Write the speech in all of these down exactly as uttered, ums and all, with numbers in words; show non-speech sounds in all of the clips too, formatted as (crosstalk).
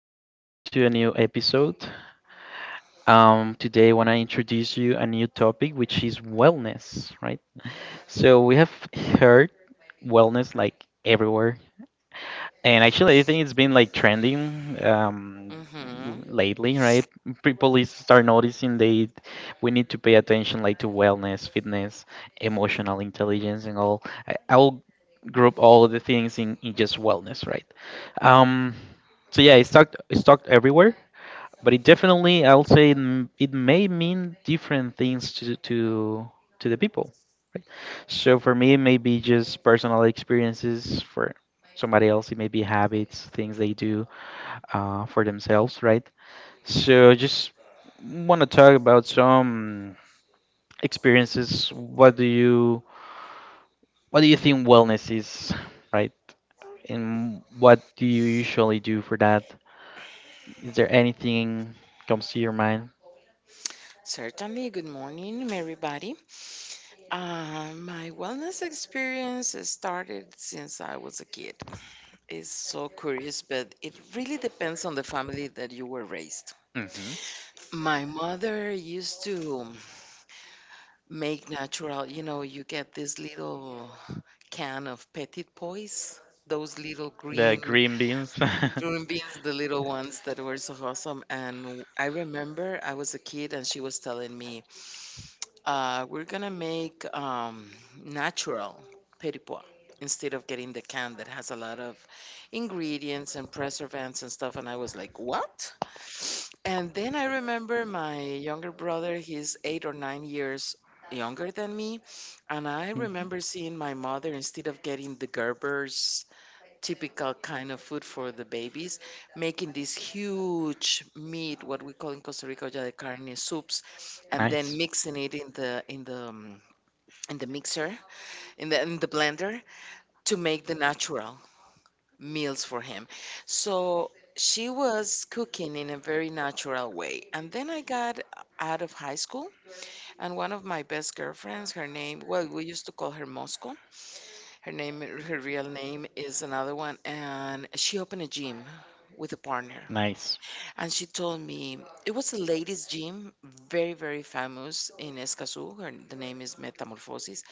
very welcome to a new episode. Um, today, I want to introduce you a new topic, which is wellness, right? So we have heard wellness like everywhere, and actually, I think it's been like trending, um, l- Mm-hmm. lately, right? People is start noticing they we need to pay attention like to wellness, fitness, emotional intelligence, and all. I, I will group all of the things in, in just wellness, right? Um, so yeah, it's talked it's talked everywhere, but it definitely, I'll say it, m- it may mean different things to to to the people, right? So for me it may be just personal experiences. For somebody else it may be habits, things they do uh, for themselves, right? So just want to talk about some experiences. What do you what do you think wellness is, right? And what do you usually do for that? Is there anything comes to your mind? Certainly. Good morning, everybody. Uh, my wellness experience has started since I was a kid. It's so curious, but it really depends on the family that you were raised. Hmm. My mother used to make natural, you know, you get this little can of petit pois. Those little The green green beans. (laughs) green beans, the little ones that were so awesome. And I remember I was a kid and she was telling me, Uh, we're gonna make um, natural petit pois instead of getting the can that has a lot of ingredients and preservatives and stuff. And I was like, what? (sniffs) And then I remember my younger brother, he's eight or nine years younger than me. And I Mm. remember seeing my mother, instead of getting the Gerber's typical kind of food for the babies, making this huge meat, what we call in Costa Rica olla de carne soups, and Nice. then mixing it in the in the um, in the mixer, in the in the blender to make the natural meals for him. So she was cooking in a very natural way. And then I got out of high school, and one of my best girlfriends, her name, well, we used to call her Moscow. Her name, her real name is another one, and she opened a gym with a partner. Nice. And she told me it was a ladies' gym, very, very famous in Escazú. Her, the name is Metamorphosis.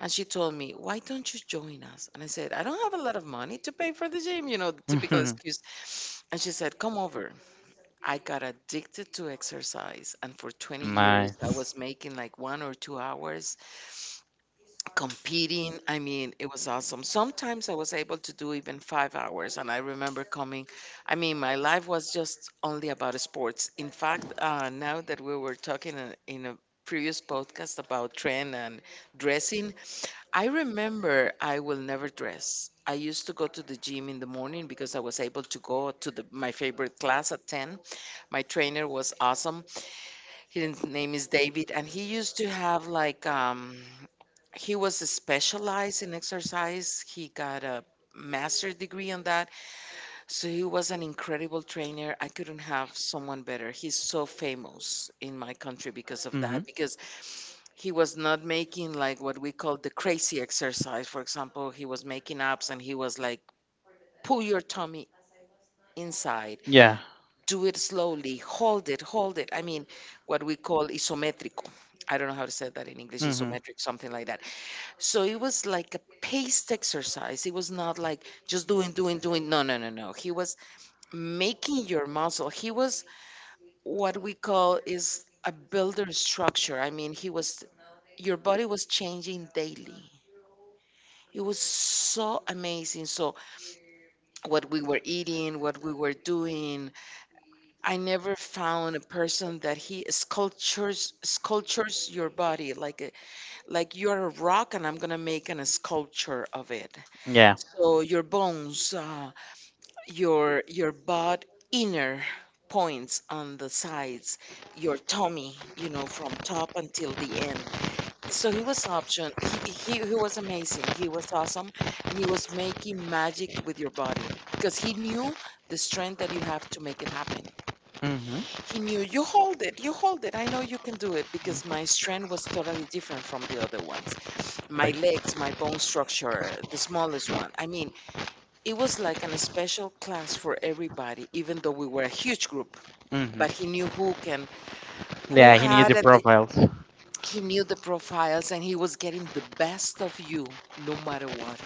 And she told me, why don't you join us? And I said, I don't have a lot of money to pay for the gym, you know, the typical (laughs) excuse. And she said, come over. I got addicted to exercise. And for twenty years, I Nice. was making like one or two hours competing. I mean, it was awesome. Sometimes I was able to do even five hours, and I remember coming. I mean, my life was just only about sports. In fact, uh, now that we were talking in, in a previous podcast about trend and dressing, I remember I will never dress. I used to go to the gym in the morning because I was able to go to the, my favorite class at ten. My trainer was awesome. His name is David, and he used to have like um, he was specialized in exercise. He got a master's degree on that, so he was an incredible trainer. I couldn't have someone better. He's so famous in my country because of Mhm. that, because he was not making like what we call the crazy exercise. For example, he was making abs, and he was like, "Pull your tummy inside." Yeah. Do it slowly, hold it, hold it. I mean, what we call isometrico, I don't know how to say that in English, Mhm. isometric, something like that. So it was like a paced exercise, it was not like just doing doing doing. No no no no he was making your muscle. He was, what we call, is a builder structure. I mean, he was, your body was changing daily. It was so amazing. So what we were eating, what we were doing, I never found a person that he sculptures sculptures your body like a, like you're a rock and I'm gonna make an, a sculpture of it. Yeah. So your bones, uh, your your butt, inner points on the sides, your tummy, you know, from top until the end. So he was option. He he he was amazing. He was awesome, and he was making magic with your body because he knew the strength that you have to make it happen. Mhm. He knew, you hold it, you hold it. I know you can do it, because my strength was totally different from the other ones. My Right. legs, my bone structure, the smallest one. I mean, it was like an special class for everybody, even though we were a huge group. Mhm. But he knew who can, who Yeah, he needs had the it. profiles. He knew the profiles, and he was getting the best of you, no matter what.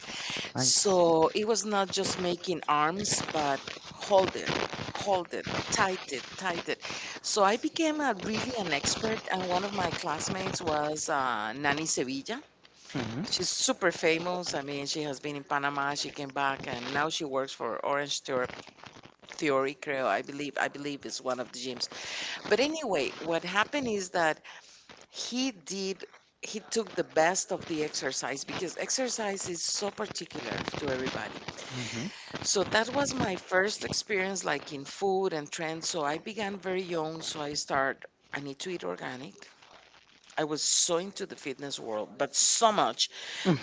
Nice. So it was not just making arms, but hold it, hold it, tight it, tight it. So I became a, really an expert, and one of my classmates was uh, Nani Sevilla. Mhm. She's super famous. I mean, she has been in Panama. She came back, and now she works for Orange Theor- Theory Creo. I believe, I believe is one of the gyms. But anyway, what happened is that he did he took the best of the exercise, because exercise is so particular to everybody. Mhm. So that was my first experience like in food and trends. So I began very young. So I start I need to eat organic. I was so into the fitness world, but so much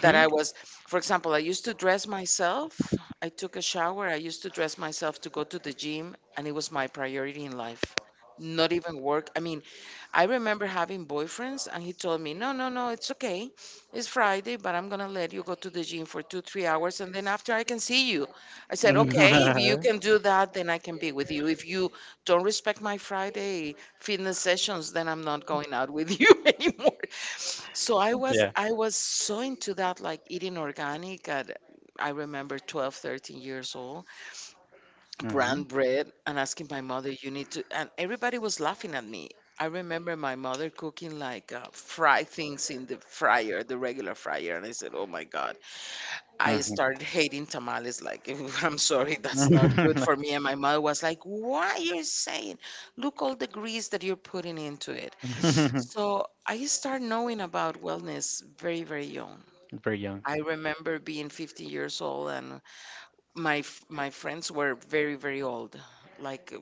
that I was, for example, I used to dress myself. I took a shower. I used to dress myself to go to the gym, and it was my priority in life. Not even work. I mean, I remember having boyfriends, and he told me, no, no, no, it's okay. It's Friday, but I'm going to let you go to the gym for two, three hours, and then after I can see you. I (laughs) said, okay, if Yeah. you can do that, then I can be with you. If you don't respect my Friday fitness sessions, then I'm not going out with you (laughs) anymore. So I was I was so into that, like eating organic at, I remember twelve, thirteen years old, Mhm. brand bread and asking my mother, you need to, and everybody was laughing at me. I remember my mother cooking like uh, fry things in the fryer, the regular fryer, and I said, "Oh my God!" I Mhm. started hating tamales. Like, (laughs) I'm sorry, that's not good for me. And my mother was like, "Why you're saying? Look all the grease that you're putting into it." So (laughs) I start knowing about wellness very, very young. Very young. I remember being fifteen years old, and my f- my friends were very, very old, like uh,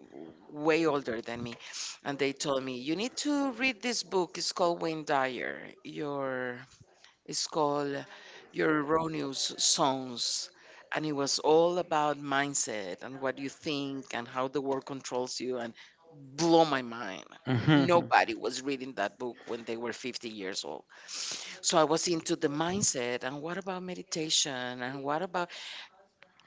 way older than me, and they told me, you need to read this book, it's called Wayne Dyer, your it's called your Erroneous Songs. And it was all about mindset and what you think and how the world controls you, and blow my mind. Mhm. Nobody was reading that book when they were fifty years old. So I was into the mindset and what about meditation and what about,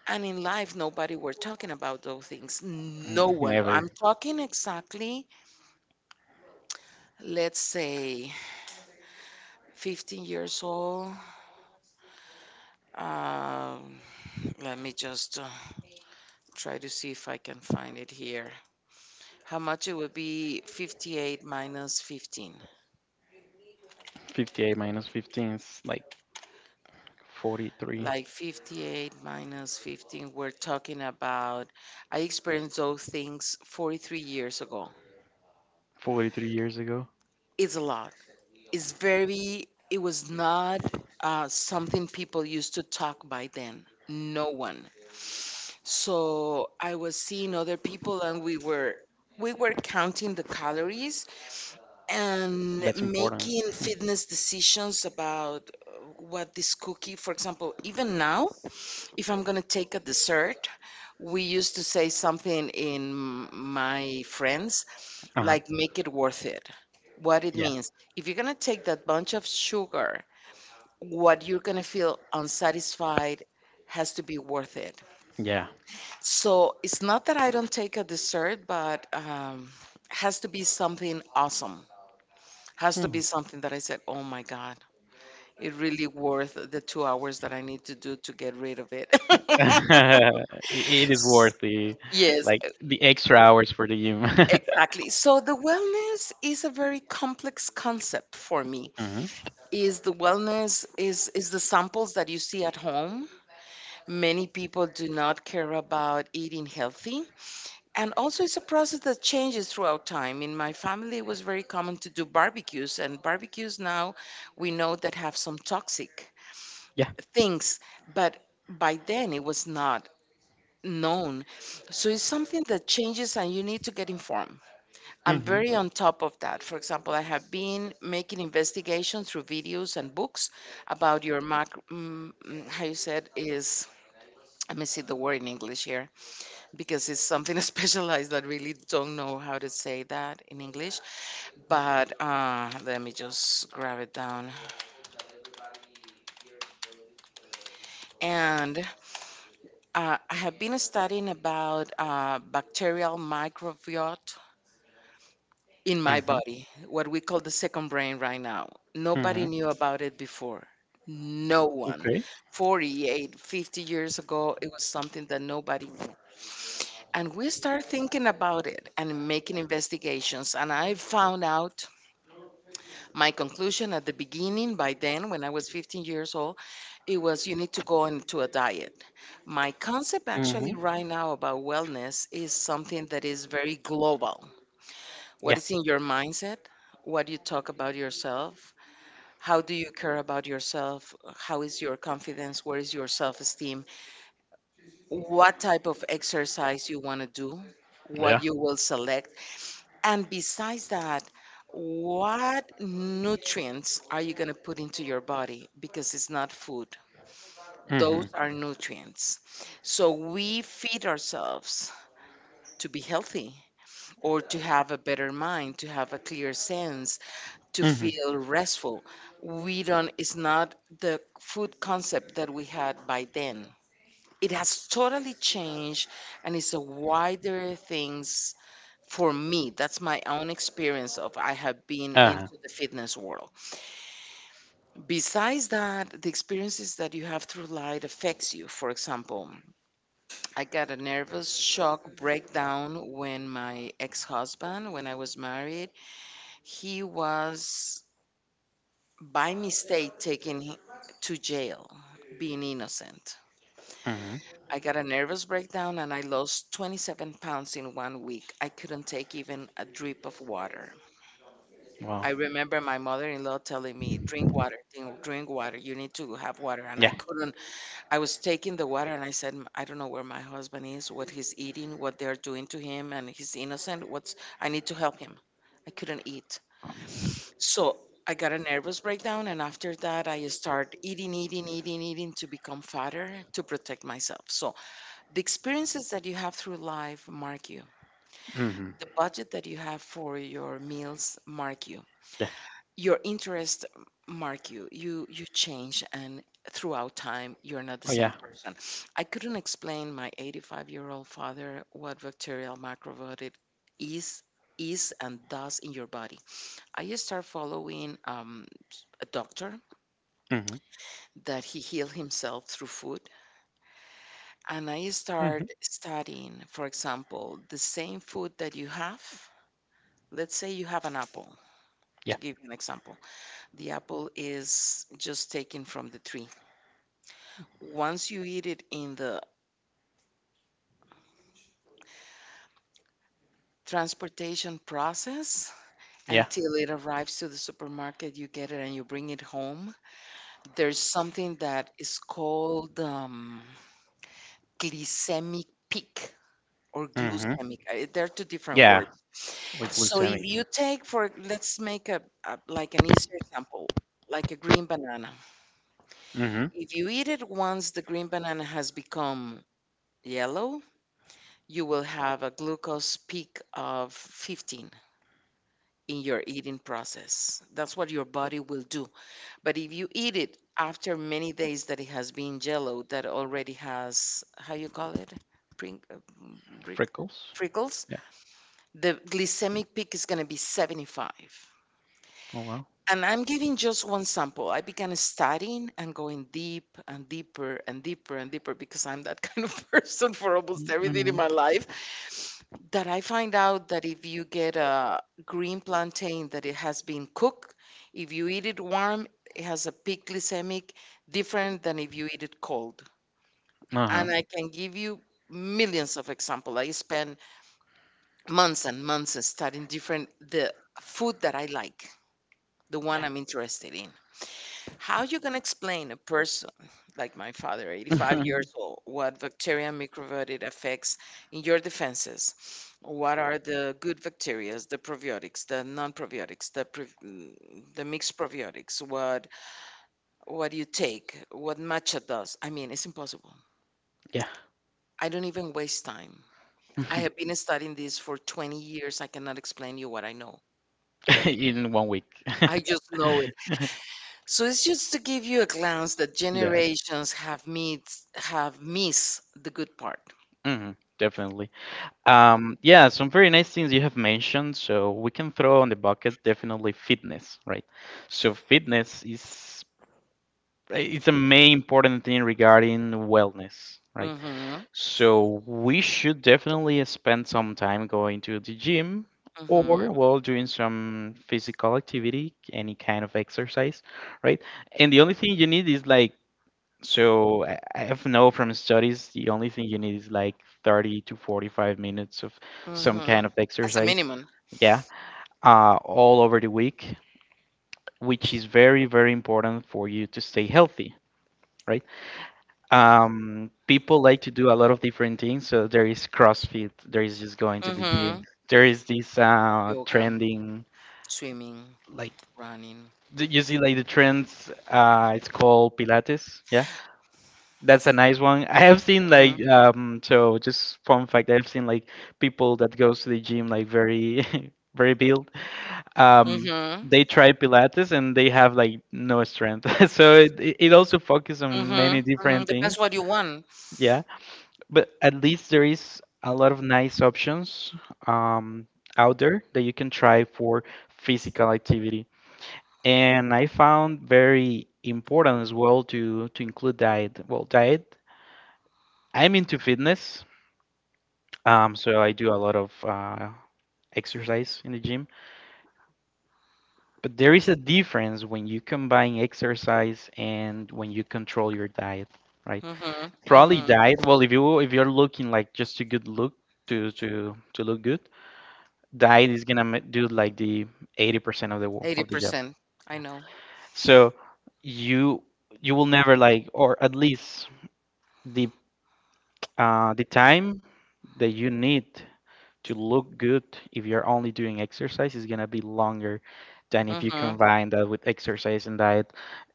and in life, nobody were talking about those things. No Mm. (laughs) one. I'm Never. talking exactly, let's say, fifteen years old. Um, Let me just uh, try to see if I can find it here. How much it would be fifty-eight minus fifteen. fifty-eight minus fifteen is like forty-three. Like fifty-eight minus fifteen, we're talking about, I experienced those things forty-three years ago. forty-three years ago. It's a lot. Is very, it was not uh, something people used to talk by then. No one. So I was seeing other people, and we were we were counting the calories and That's important. making (laughs) fitness decisions about uh, what this cookie, for example. Even now, if I'm going to take a dessert, we used to say something in my friends, Uh-huh. like, make it worth it. What it Yeah. means. If you're going to take that bunch of sugar, what you're going to feel unsatisfied, has to be worth it. Yeah. So it's not that I don't take a dessert, but um, has to be something awesome. Has to Hmm. be something that I said, oh my God, it really worth the two hours that I need to do to get rid of it. (laughs) (laughs) I- it is worth the, Yes, like e- the extra hours for the gym. (laughs) exactly. So the wellness is a very complex concept for me. Hmm. Is the wellness, is is the samples that you see at home. Many people do not care about eating healthy, and also it's a process that changes throughout time. In my family it was very common to do barbecues, and barbecues now we know that have some toxic Yeah. things, but by then it was not known. So it's something that changes and you need to get informed. Hmm. I'm Hmm. very on top of that. For example, I have been making investigations through videos and books about your mac. mm, mm, how you said is, let me see the word in English here, because it's something (laughs) specialized that really don't know how to say that in English. But uh, let me just grab it down. And uh, I have been studying about uh, bacterial microbiota in my body, what we call the second brain right now. Nobody Hmm. knew about it before. No one. Okay. Forty-eight, fifty years ago, it was something that nobody knew. And we start thinking about it and making investigations. And I found out, my conclusion at the beginning, by then, when I was fifteen years old, it was you need to go into a diet. My concept, actually, Hmm. right now about wellness is something that is very global. What Yeah. is in your mindset? What do you talk about yourself? How do you care about yourself? How is your confidence? Where is your self esteem? What type of exercise you want to do? What Yeah. you will select? And besides that, what nutrients are you going to put into your body? Because it's not food, those are nutrients. So we feed ourselves to be healthy or to have a better mind, to have a clear sense, to Hmm. feel restful. We don't, It's not the food concept that we had by then. It has totally changed and it's a wider things for me. Hmm. That's my own experience of I have been into Uh-huh. the fitness world. Besides that, the experiences that you have through life affects you. For example, I got a nervous shock breakdown when my ex-husband, when I was married, he was by mistake taken hi- to jail, being innocent. Hmm. I got a nervous breakdown and I lost twenty-seven pounds in one week. I couldn't take even a drip of water. Wow. I remember my mother in law telling me, drink water, drink drink water, you need to have water. And I Yeah. couldn't. I was taking the water and I said, "M- I don't know where my husband is, what he's eating, what they're doing to him, and he's innocent. What's, I need to help him. I couldn't eat." So I got a nervous breakdown, and after that, I start eating, eating, eating, eating to become fatter to protect myself. So the experiences that you have through life mark you. Mm-hmm. The budget that you have for your meals mark you. Yeah. Your interests mark you. You you change, and throughout time, you're not the Oh same yeah. person. I couldn't explain my eighty-five year old father what bacterial macrobiotic is is and does in your body. I just start following um, a doctor Mm-hmm. that he healed himself through food. And I Mm-hmm. start studying, for example, the same food that you have. Let's say you have an apple, Yeah. to give you an example. The apple is just taken from the tree. Once you eat it in the transportation process Yeah. until it arrives to the supermarket, you get it and you bring it home. There's something that is called um, glycemic peak or Mm-hmm. glucemic. Uh, There are two different Yeah. words. Like So if glycemic. you take for let's make a, a like an easier example, like a green banana. Mm-hmm. If you eat it once the green banana has become yellow, you will have a glucose peak of fifteen in your eating process. That's what your body will do. But if you eat it after many days that it has been yellow, that already has how you call it? Pring, uh, mm, brick- Freckles. prickles, Yeah. the glycemic peak is going to be seventy-five. Oh wow. And I'm giving just one sample. I began studying and going deep and deeper and deeper and deeper because I'm that (laughs) kind of person for almost everything in Hmm. my life. That I find out that if you get a green plantain that it has been cooked, if you eat it warm, it has a peak glycemic different than if you eat it cold. Uh-huh. And I can give you millions of examples. I spend months and months studying different the food that I like, the one Yeah. I'm interested in. How you gonna explain a person like my father, eighty-five years (laughs) old, what bacteria and microbiota affects in your defenses? What are the good bacteria, the probiotics, the non-probiotics, the pre- mm, the mixed probiotics? What what you take? What matcha does? I mean, it's impossible. Yeah. I don't even waste time. I have been studying this for twenty years. I cannot explain you what I know. (laughs) In one week. (laughs) I just know it. So it's just to give you a glance that Yeah. generations have missed have missed the good part. Hmm. Definitely. Um, yeah, some very nice things you have mentioned. So we can throw on the bucket definitely fitness, right? So fitness is eh, it's a main important thing regarding wellness, right? Mm-hmm. So we should definitely spend some time going to the gym, Mm-hmm. or well, doing some physical activity, any kind of exercise, right? And the only thing you need is like, so I I have know from studies the only thing you need is like thirty to forty-five minutes of some Mm-hmm. kind of As a exercise. minimum. Yeah, uh, all over the week, which is very, very important for you to stay healthy, right? Um people like to do a lot of different things. So there is CrossFit, there is just going to the gym, Mm-hmm. there is this uh Yoga, trending, swimming, like running. the- you see like the trends, uh it's called Pilates, yeah. That's a nice one. (laughs) I have seen Mm-hmm. like, um so just fun fact, I've seen like people that goes to the gym like very, (laughs) very built, um Mm-hmm. they try Pilates and they have like no strength. (laughs) So it, it it also focuses on Mm-hmm. many Mm-hmm. different Depends things. what you want. But at least there is a lot of nice options um, out there that you can try for physical activity. And I found very important as well to to include diet. Well, diet. I'm into fitness, um, so I do a lot of uh, exercise in the gym. But there is a difference when you combine exercise and when you control your diet, right? Mm-hmm. Probably Mm-hmm. diet. Well, if you if you're looking like just to good look, to to to look good, diet is gonna ma- do like the eighty percent of the wo- Eighty of the job. percent. I know. So you you will never like, or at least the uh the time that you need to look good, if you're only doing exercise, is gonna be longer than if you Mm-hmm. combine that with exercise and diet.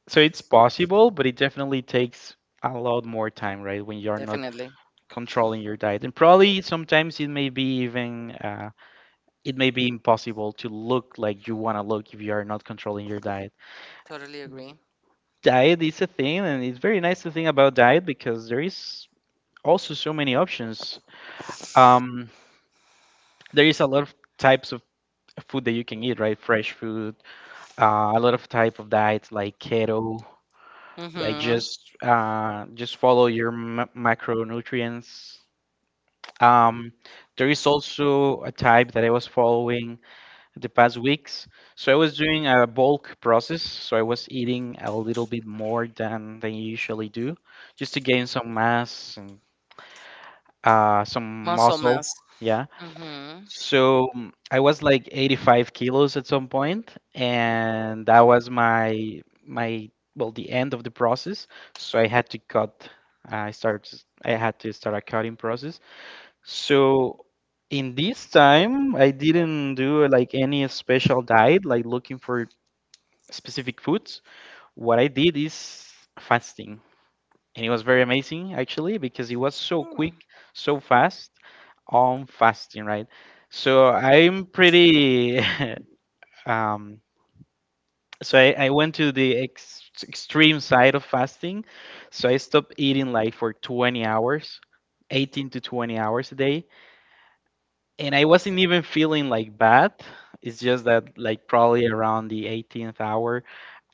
So it's possible, but it definitely takes a lot more time, right? When you're not Definitely. controlling your diet, and probably sometimes it may be even, Uh, it may be impossible to look like you want to look if you are not controlling your diet. Totally agree. Diet is a thing, and it's very nice to think about diet because there is also so many options. Um, there is a lot of types of food that you can eat, right? Fresh food, uh, a lot of type of diets like keto, like Mm-hmm. just uh, just follow your m- macronutrients. Um, there is also a type that I was following the past weeks. So I was doing a bulk process, so I was eating a little bit more than than you usually do, just to gain some mass and uh, some Muscle muscle. mass. Yeah. Mm-hmm. Mm-hmm. So mm, I was like eighty-five kilos at some point, and that was my my well the end of the process. So I had to cut. I started. I had to start a cutting process, so in this time, I didn't do like any special diet, like looking for specific foods. What I did is fasting. And it was very amazing actually because it was so Mm-hmm. quick, so fast on fasting, right? So I'm pretty, (laughs) um so I, I went to the ex extreme side of fasting. So I stopped eating like for twenty hours, eighteen to twenty hours a day, and I wasn't even feeling like bad. It's just that like probably around the eighteenth hour,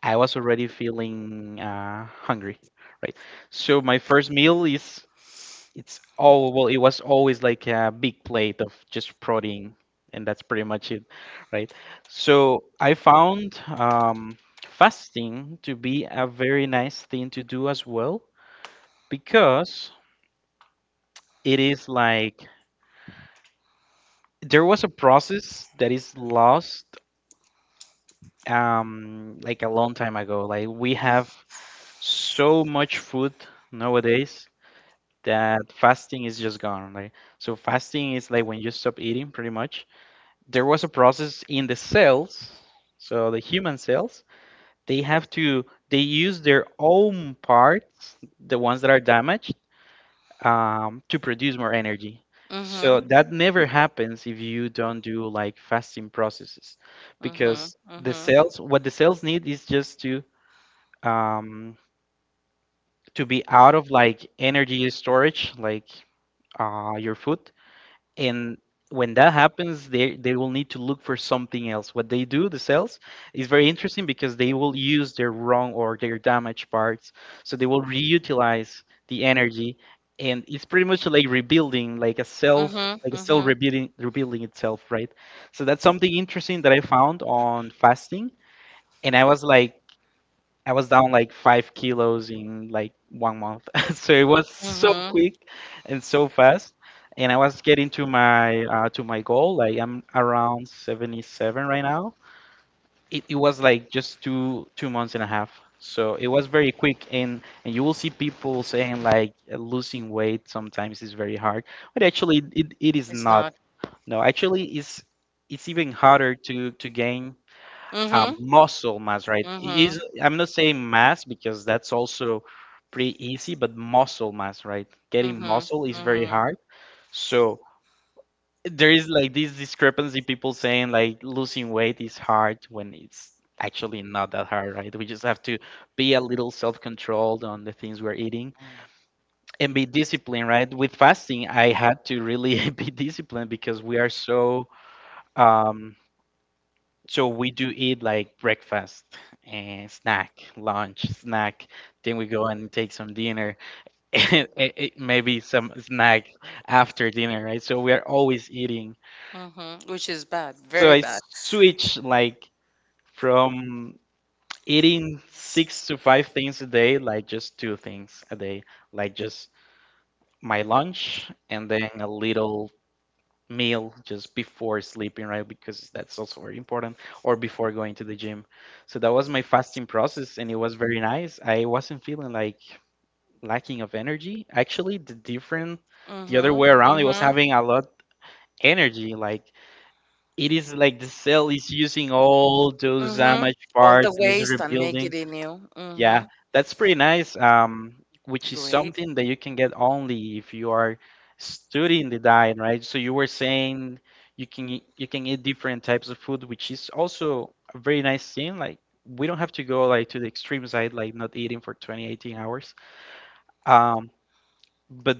I was already feeling uh, hungry, right? So my first meal is it's all well, it was always like a big plate of just protein, and that's pretty much it, right? So I found um, fasting to be a very nice thing to do as well, because it is like there was a process that is lost um like a long time ago. Like we have so much food nowadays that fasting is just gone. Like, so fasting is like when you stop eating, pretty much. There was a process in the cells, so the human cells, they have to they use their own parts, the ones that are damaged, um, to produce more energy. So Mm-hmm. that never happens if you don't do like fasting processes, Mm-hmm. because Mm-hmm. the cells, what the cells need is just to um, to be out of like energy storage, like uh, your food. And when that happens, they they will need to look for something else. What they do, the cells, is very interesting because they will use their wrong or their damaged parts, so they will reutilize the energy, (laughs) and it's pretty much like rebuilding, like a self. Like a cell Mm-hmm. rebuilding, rebuilding itself, right? So that's something interesting that I found on fasting, and I was like, I was down like five kilos in like one month. (laughs) So it was so quick and so fast. And I was getting to my uh, to my goal. Like I'm around seventy-seven right now. It, it was like just two two months and a half. So it was very quick. And, and you will see people saying like, uh, losing weight sometimes is very hard. But actually it, it is It's not. not. No, actually it's it's even harder to to gain, Mm-hmm. uh, Mm-hmm, muscle mass, right? Mm-hmm. It Is I'm not Mm-hmm. saying mass, because that's also pretty easy, but muscle mass, right? Getting muscle is very Mm-hmm. hard. So there is like this discrepancy, people saying like losing weight is hard when it's actually not that hard, right? We just have to be a little self-controlled on the things we're eating and be disciplined, right? With fasting, I had to really (laughs) be disciplined because we are so um, So we do eat like breakfast and snack, lunch, snack. Then we go and take some dinner (laughs) and it- it- maybe some snack after dinner, right? So we are always eating. Mm-hmm. Which is bad, So very I bad. switch like from eating six to five things a day, like just two things a day, like just my lunch and then a little meal just before sleeping, right? Because that's also very important, or before going to the gym. So that was my fasting process, and it was very nice. I wasn't feeling like lacking of energy. Actually, the different, the other Mhm. way around, it was Mm-hmm. Mhm. having a lot energy. Like it is like the cell is using all those Mhm. damaged All are parts the and is waste and make rebuilding. rebuilding it anew. Yeah. Yeah, Mhm. that's pretty nice. Um, which is Great. something that you can get only if you are studying the diet, right? So you were saying you can eat- you can eat different types of food, which is also a very nice thing. Like we don't have to go like to the extreme side, like not eating for twenty, eighteen hours. Um, but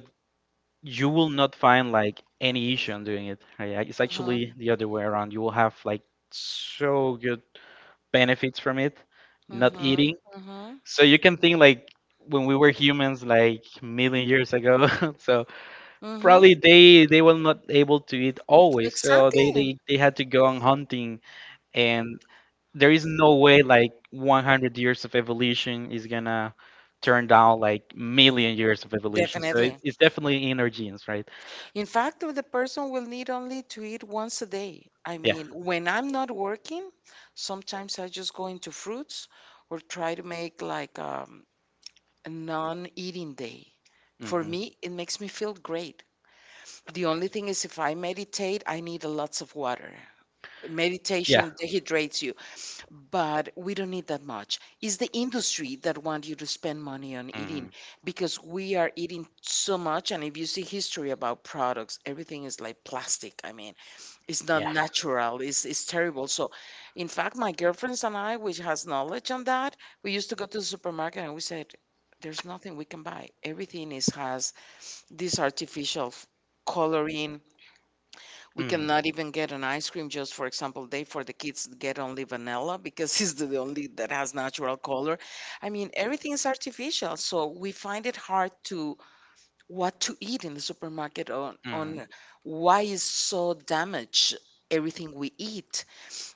you will not find like any issue on doing it, right? Like, it's Mhm. actually the other way around. You will have like so good benefits from it, not Mhm. eating. Mhm. So you can think like when we were humans like million years ago. (laughs) So Mhm. probably they they were not able to eat always. So they, Exactly. they, they had to go on hunting, and there is no way like one hundred years of evolution is gonna turn down like million years of evolution. So it, Definitely. it's definitely in our genes, right? In fact, the person will need only to eat once a day. I Yeah, Yeah. mean, when I'm not working, yeah, sometimes I just go into fruits or try to make like um, a non-eating day. For Mhm. me, it makes me feel great. The only thing is, if I meditate, I need lots of water. Yeah. Yeah. Meditation dehydrates you, but we don't need that much. It's the industry that want you to spend money on eating Mhm. because we are eating so much. And if you see history about products, everything is like plastic. I mean, it's not Yeah. natural. It's it's terrible. So, in fact, my girlfriends and I, which has knowledge on that, we used to go to the supermarket and we said, "There's nothing we can buy. Everything is has" this artificial f- coloring. We Mm. Mm. cannot even get an ice cream, just for example, they for the kids get only vanilla because (laughs) it's the only that has natural color. I mean, everything is artificial, so we find it hard to what to eat in the supermarket on on why is so damaged everything we eat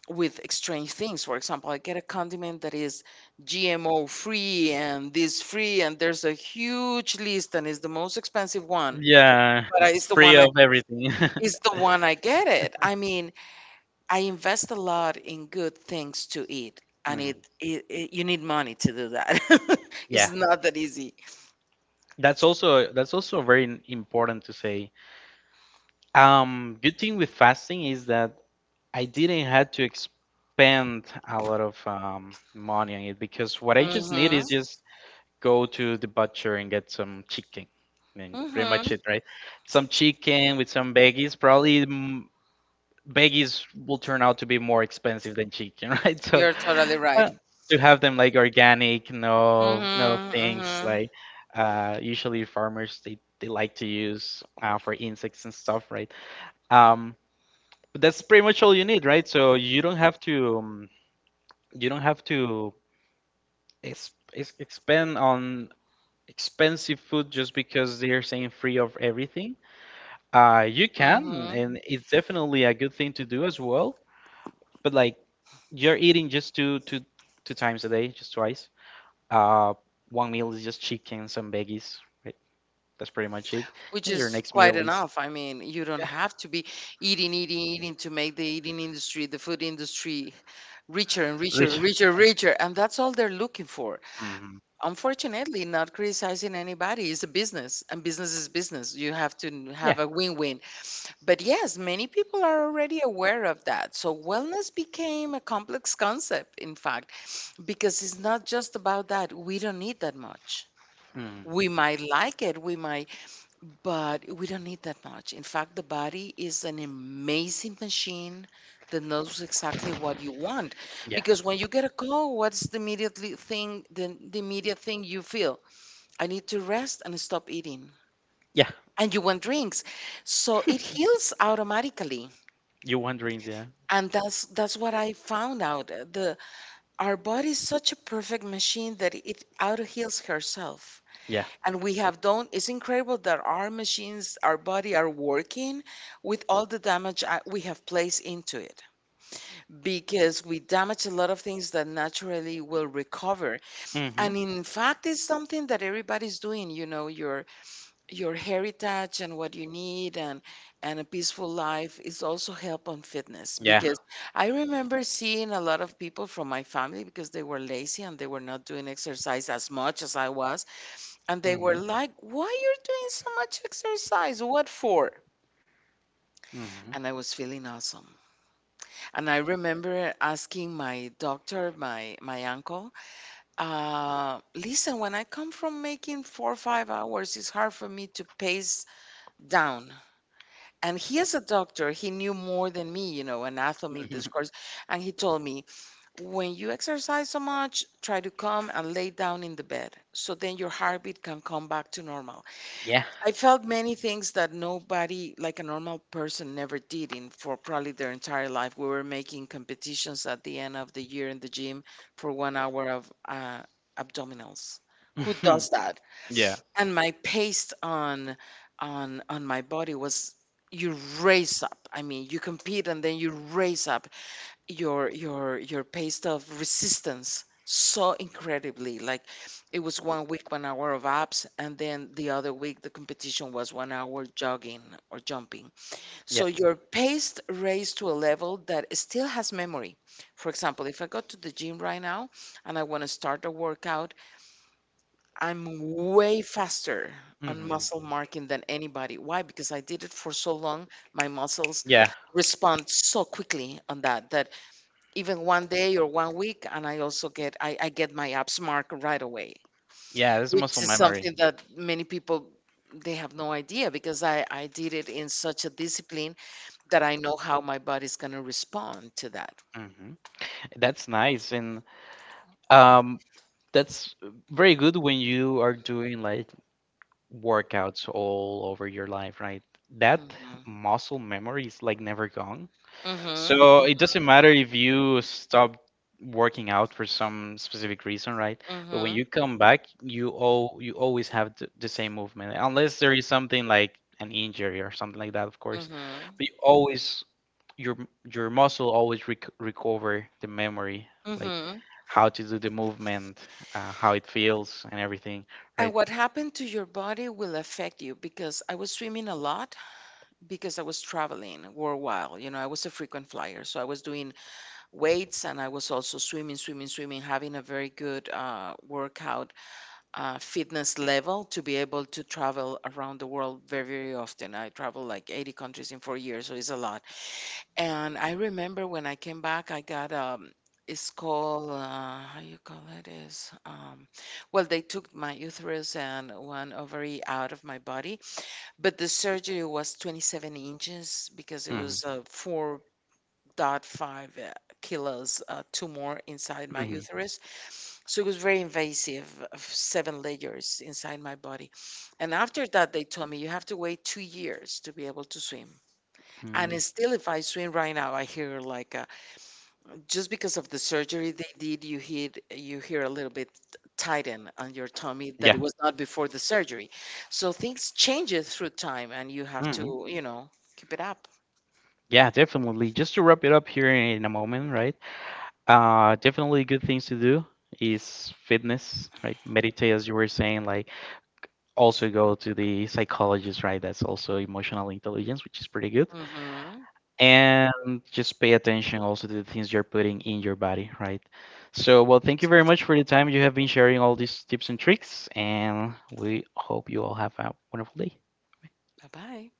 with strange things. For example, I get a condiment that is G M O free and this free, and there's a huge list, and it's the most expensive one. Yeah, But I- it's it's the free one I of everything. (laughs) It's the one I get it. I mean, I invest a lot in good things to eat, and Mm. it, it, it you need money to do that. (laughs) Yeah, It's Yeah, not that easy. that's also that's also very n- important to say. Um, good thing with fasting is that I didn't have to expend a lot of um, money on it, because what I just need Mm-hmm. is just go to the butcher and get some chicken. I mean, pretty Mm-hmm. much it, right? Some chicken with some veggies. Probably mm, veggies will turn out to be more expensive than chicken, (laughs) right? So You're totally right. uh, to have them like organic, no, no Mm-hmm. things Mm-hmm. like, uh, usually farmers, they, they like to use, uh, for insects and stuff, right? Um, but that's pretty much all you need, right? So you don't have to um, you don't have to ex ex expend on expensive food just because they're saying free of everything. Uh, you can, Hmm. and it's definitely a good thing to do as well. But like, you're eating just two, two, two times a day, just twice. Uh, One meal is just chicken, some veggies, right? That's pretty much it. Which And your is next quite meal is, enough. I mean, you don't yeah, have to be eating, eating, eating to make the eating industry, the food industry richer and richer, rich. and richer, richer. And that's all they're looking for. Mhm. Unfortunately, not criticizing anybody, is a business, and business is business. You have to n- Yeah. have a win win. But yes, many people are already aware of that. So wellness became a complex concept, in fact, because it's not just about that. We don't need that much. Mm. We might like it, we might, but we don't need that much. In fact, the body is an amazing machine that knows exactly what you want. Yeah. Because when you get a call, what's the immediately thing, the, the immediate thing you feel? I need to rest and stop eating. Yeah. And you want drinks. So it heals automatically. You want drinks? Yeah. And that's that's what I found out. uh, The our body is such a perfect machine that it auto heals herself. Yeah. And we have done, it's incredible that our machines, our body are working with all the damage uh, we have placed into it, because we damage a lot of things that naturally will recover. Mm-hmm. And in fact, it's something that everybody's doing, you know, your your heritage and what you need, and and a peaceful life is also help on fitness. Yeah. Because I remember seeing a lot of people from my family because they were lazy and they were not doing exercise as much as I was, and they were Mm-hmm. like, "Why you're doing so much exercise? What for?" Mm-hmm. And I was feeling awesome. And I remember asking my doctor, my my uncle, uh, listen, when I come from making four or five hours, it's hard for me to pace down. And he is a doctor, he knew more than me, you know, anatomy, Mhm. this course. (laughs) And he told me, when you exercise so much, try to come and lay down in the bed. So then your heartbeat can come back to normal. Yeah. I felt many things that nobody, like a normal person, never did in for probably their entire life. We were making competitions at the end of the year in the gym for one hour of uh, abdominals. Who Mhm. does that? Yeah. And my pace on on on my body was you raise up. I mean, you compete and then you raise up your your your pace of resistance so incredibly, like it was one week one hour of abs and then the other week the competition was one hour jogging or jumping. Yeah. So your pace raised to a level that still has memory. For example, if I go to the gym right now and I want to start a workout, I'm way faster on Hmm. muscle marking than anybody. Why? Because I did it for so long, my muscles Yeah. respond so quickly on that, that even one day or one week and I also get i, I get my apps marked right away, Yeah. That's which muscle (laughs) is memory. something that many people they have no idea, because I I did it in such a discipline that I know how my body's going to respond to that. Hmm. That's nice. And um, that's very good when you are doing like workouts all over your life, right? That Mm-hmm. muscle memory is like never gone. Mm-hmm. Mm-hmm. So it doesn't matter if you stop working out for some specific reason, right? Mm-hmm. But when you Mm-hmm. come back, you all you always have th- the same movement, unless there is something like an injury or something like that, of course. But Mm-hmm. you always your m- your muscle always rec- recover the memory, like, Mm-hmm. Mm-hmm, how to do the movement, uh, how it feels, and everything, And right? what happened to your body will affect you, because I was swimming a lot because I was traveling worldwide. You know, I was a frequent flyer. So I was doing weights and I was also swimming, swimming, swimming, having a very good uh, workout uh, fitness level to be able to travel around the world very, very often. I traveled like eighty countries in four years, so it's a lot. And I remember when I came back, I got um, it's called uh, how you call it is um, well, they took my uterus and one ovary out of my body, but the surgery was twenty-seven inches because it Hmm. was a four dot five uh, kilos uh, tumor inside my Hmm. uterus. So it was very invasive, of seven layers inside my body. And after that, they told me you have to wait two years to be able to swim. Hmm. And it's still, if I swim right now, I hear like uh, just because of the surgery they did, you hear you hear a little bit tighten on your tummy that Yeah. it was not before the surgery. So things changes through time, and you have Hmm. to, you know, keep it up. Yeah, definitely. Just to wrap it up here in a moment, right? Uh, definitely good things to do is fitness, right? Meditate, as you were saying, like, also go to the psychologist, right? That's also emotional intelligence, which is pretty good. Hmm. And just pay attention also to the things you're putting in your body, right? So, well, thank you very much for the time you have been sharing all these tips and tricks, and we hope you all have a wonderful day. Bye bye.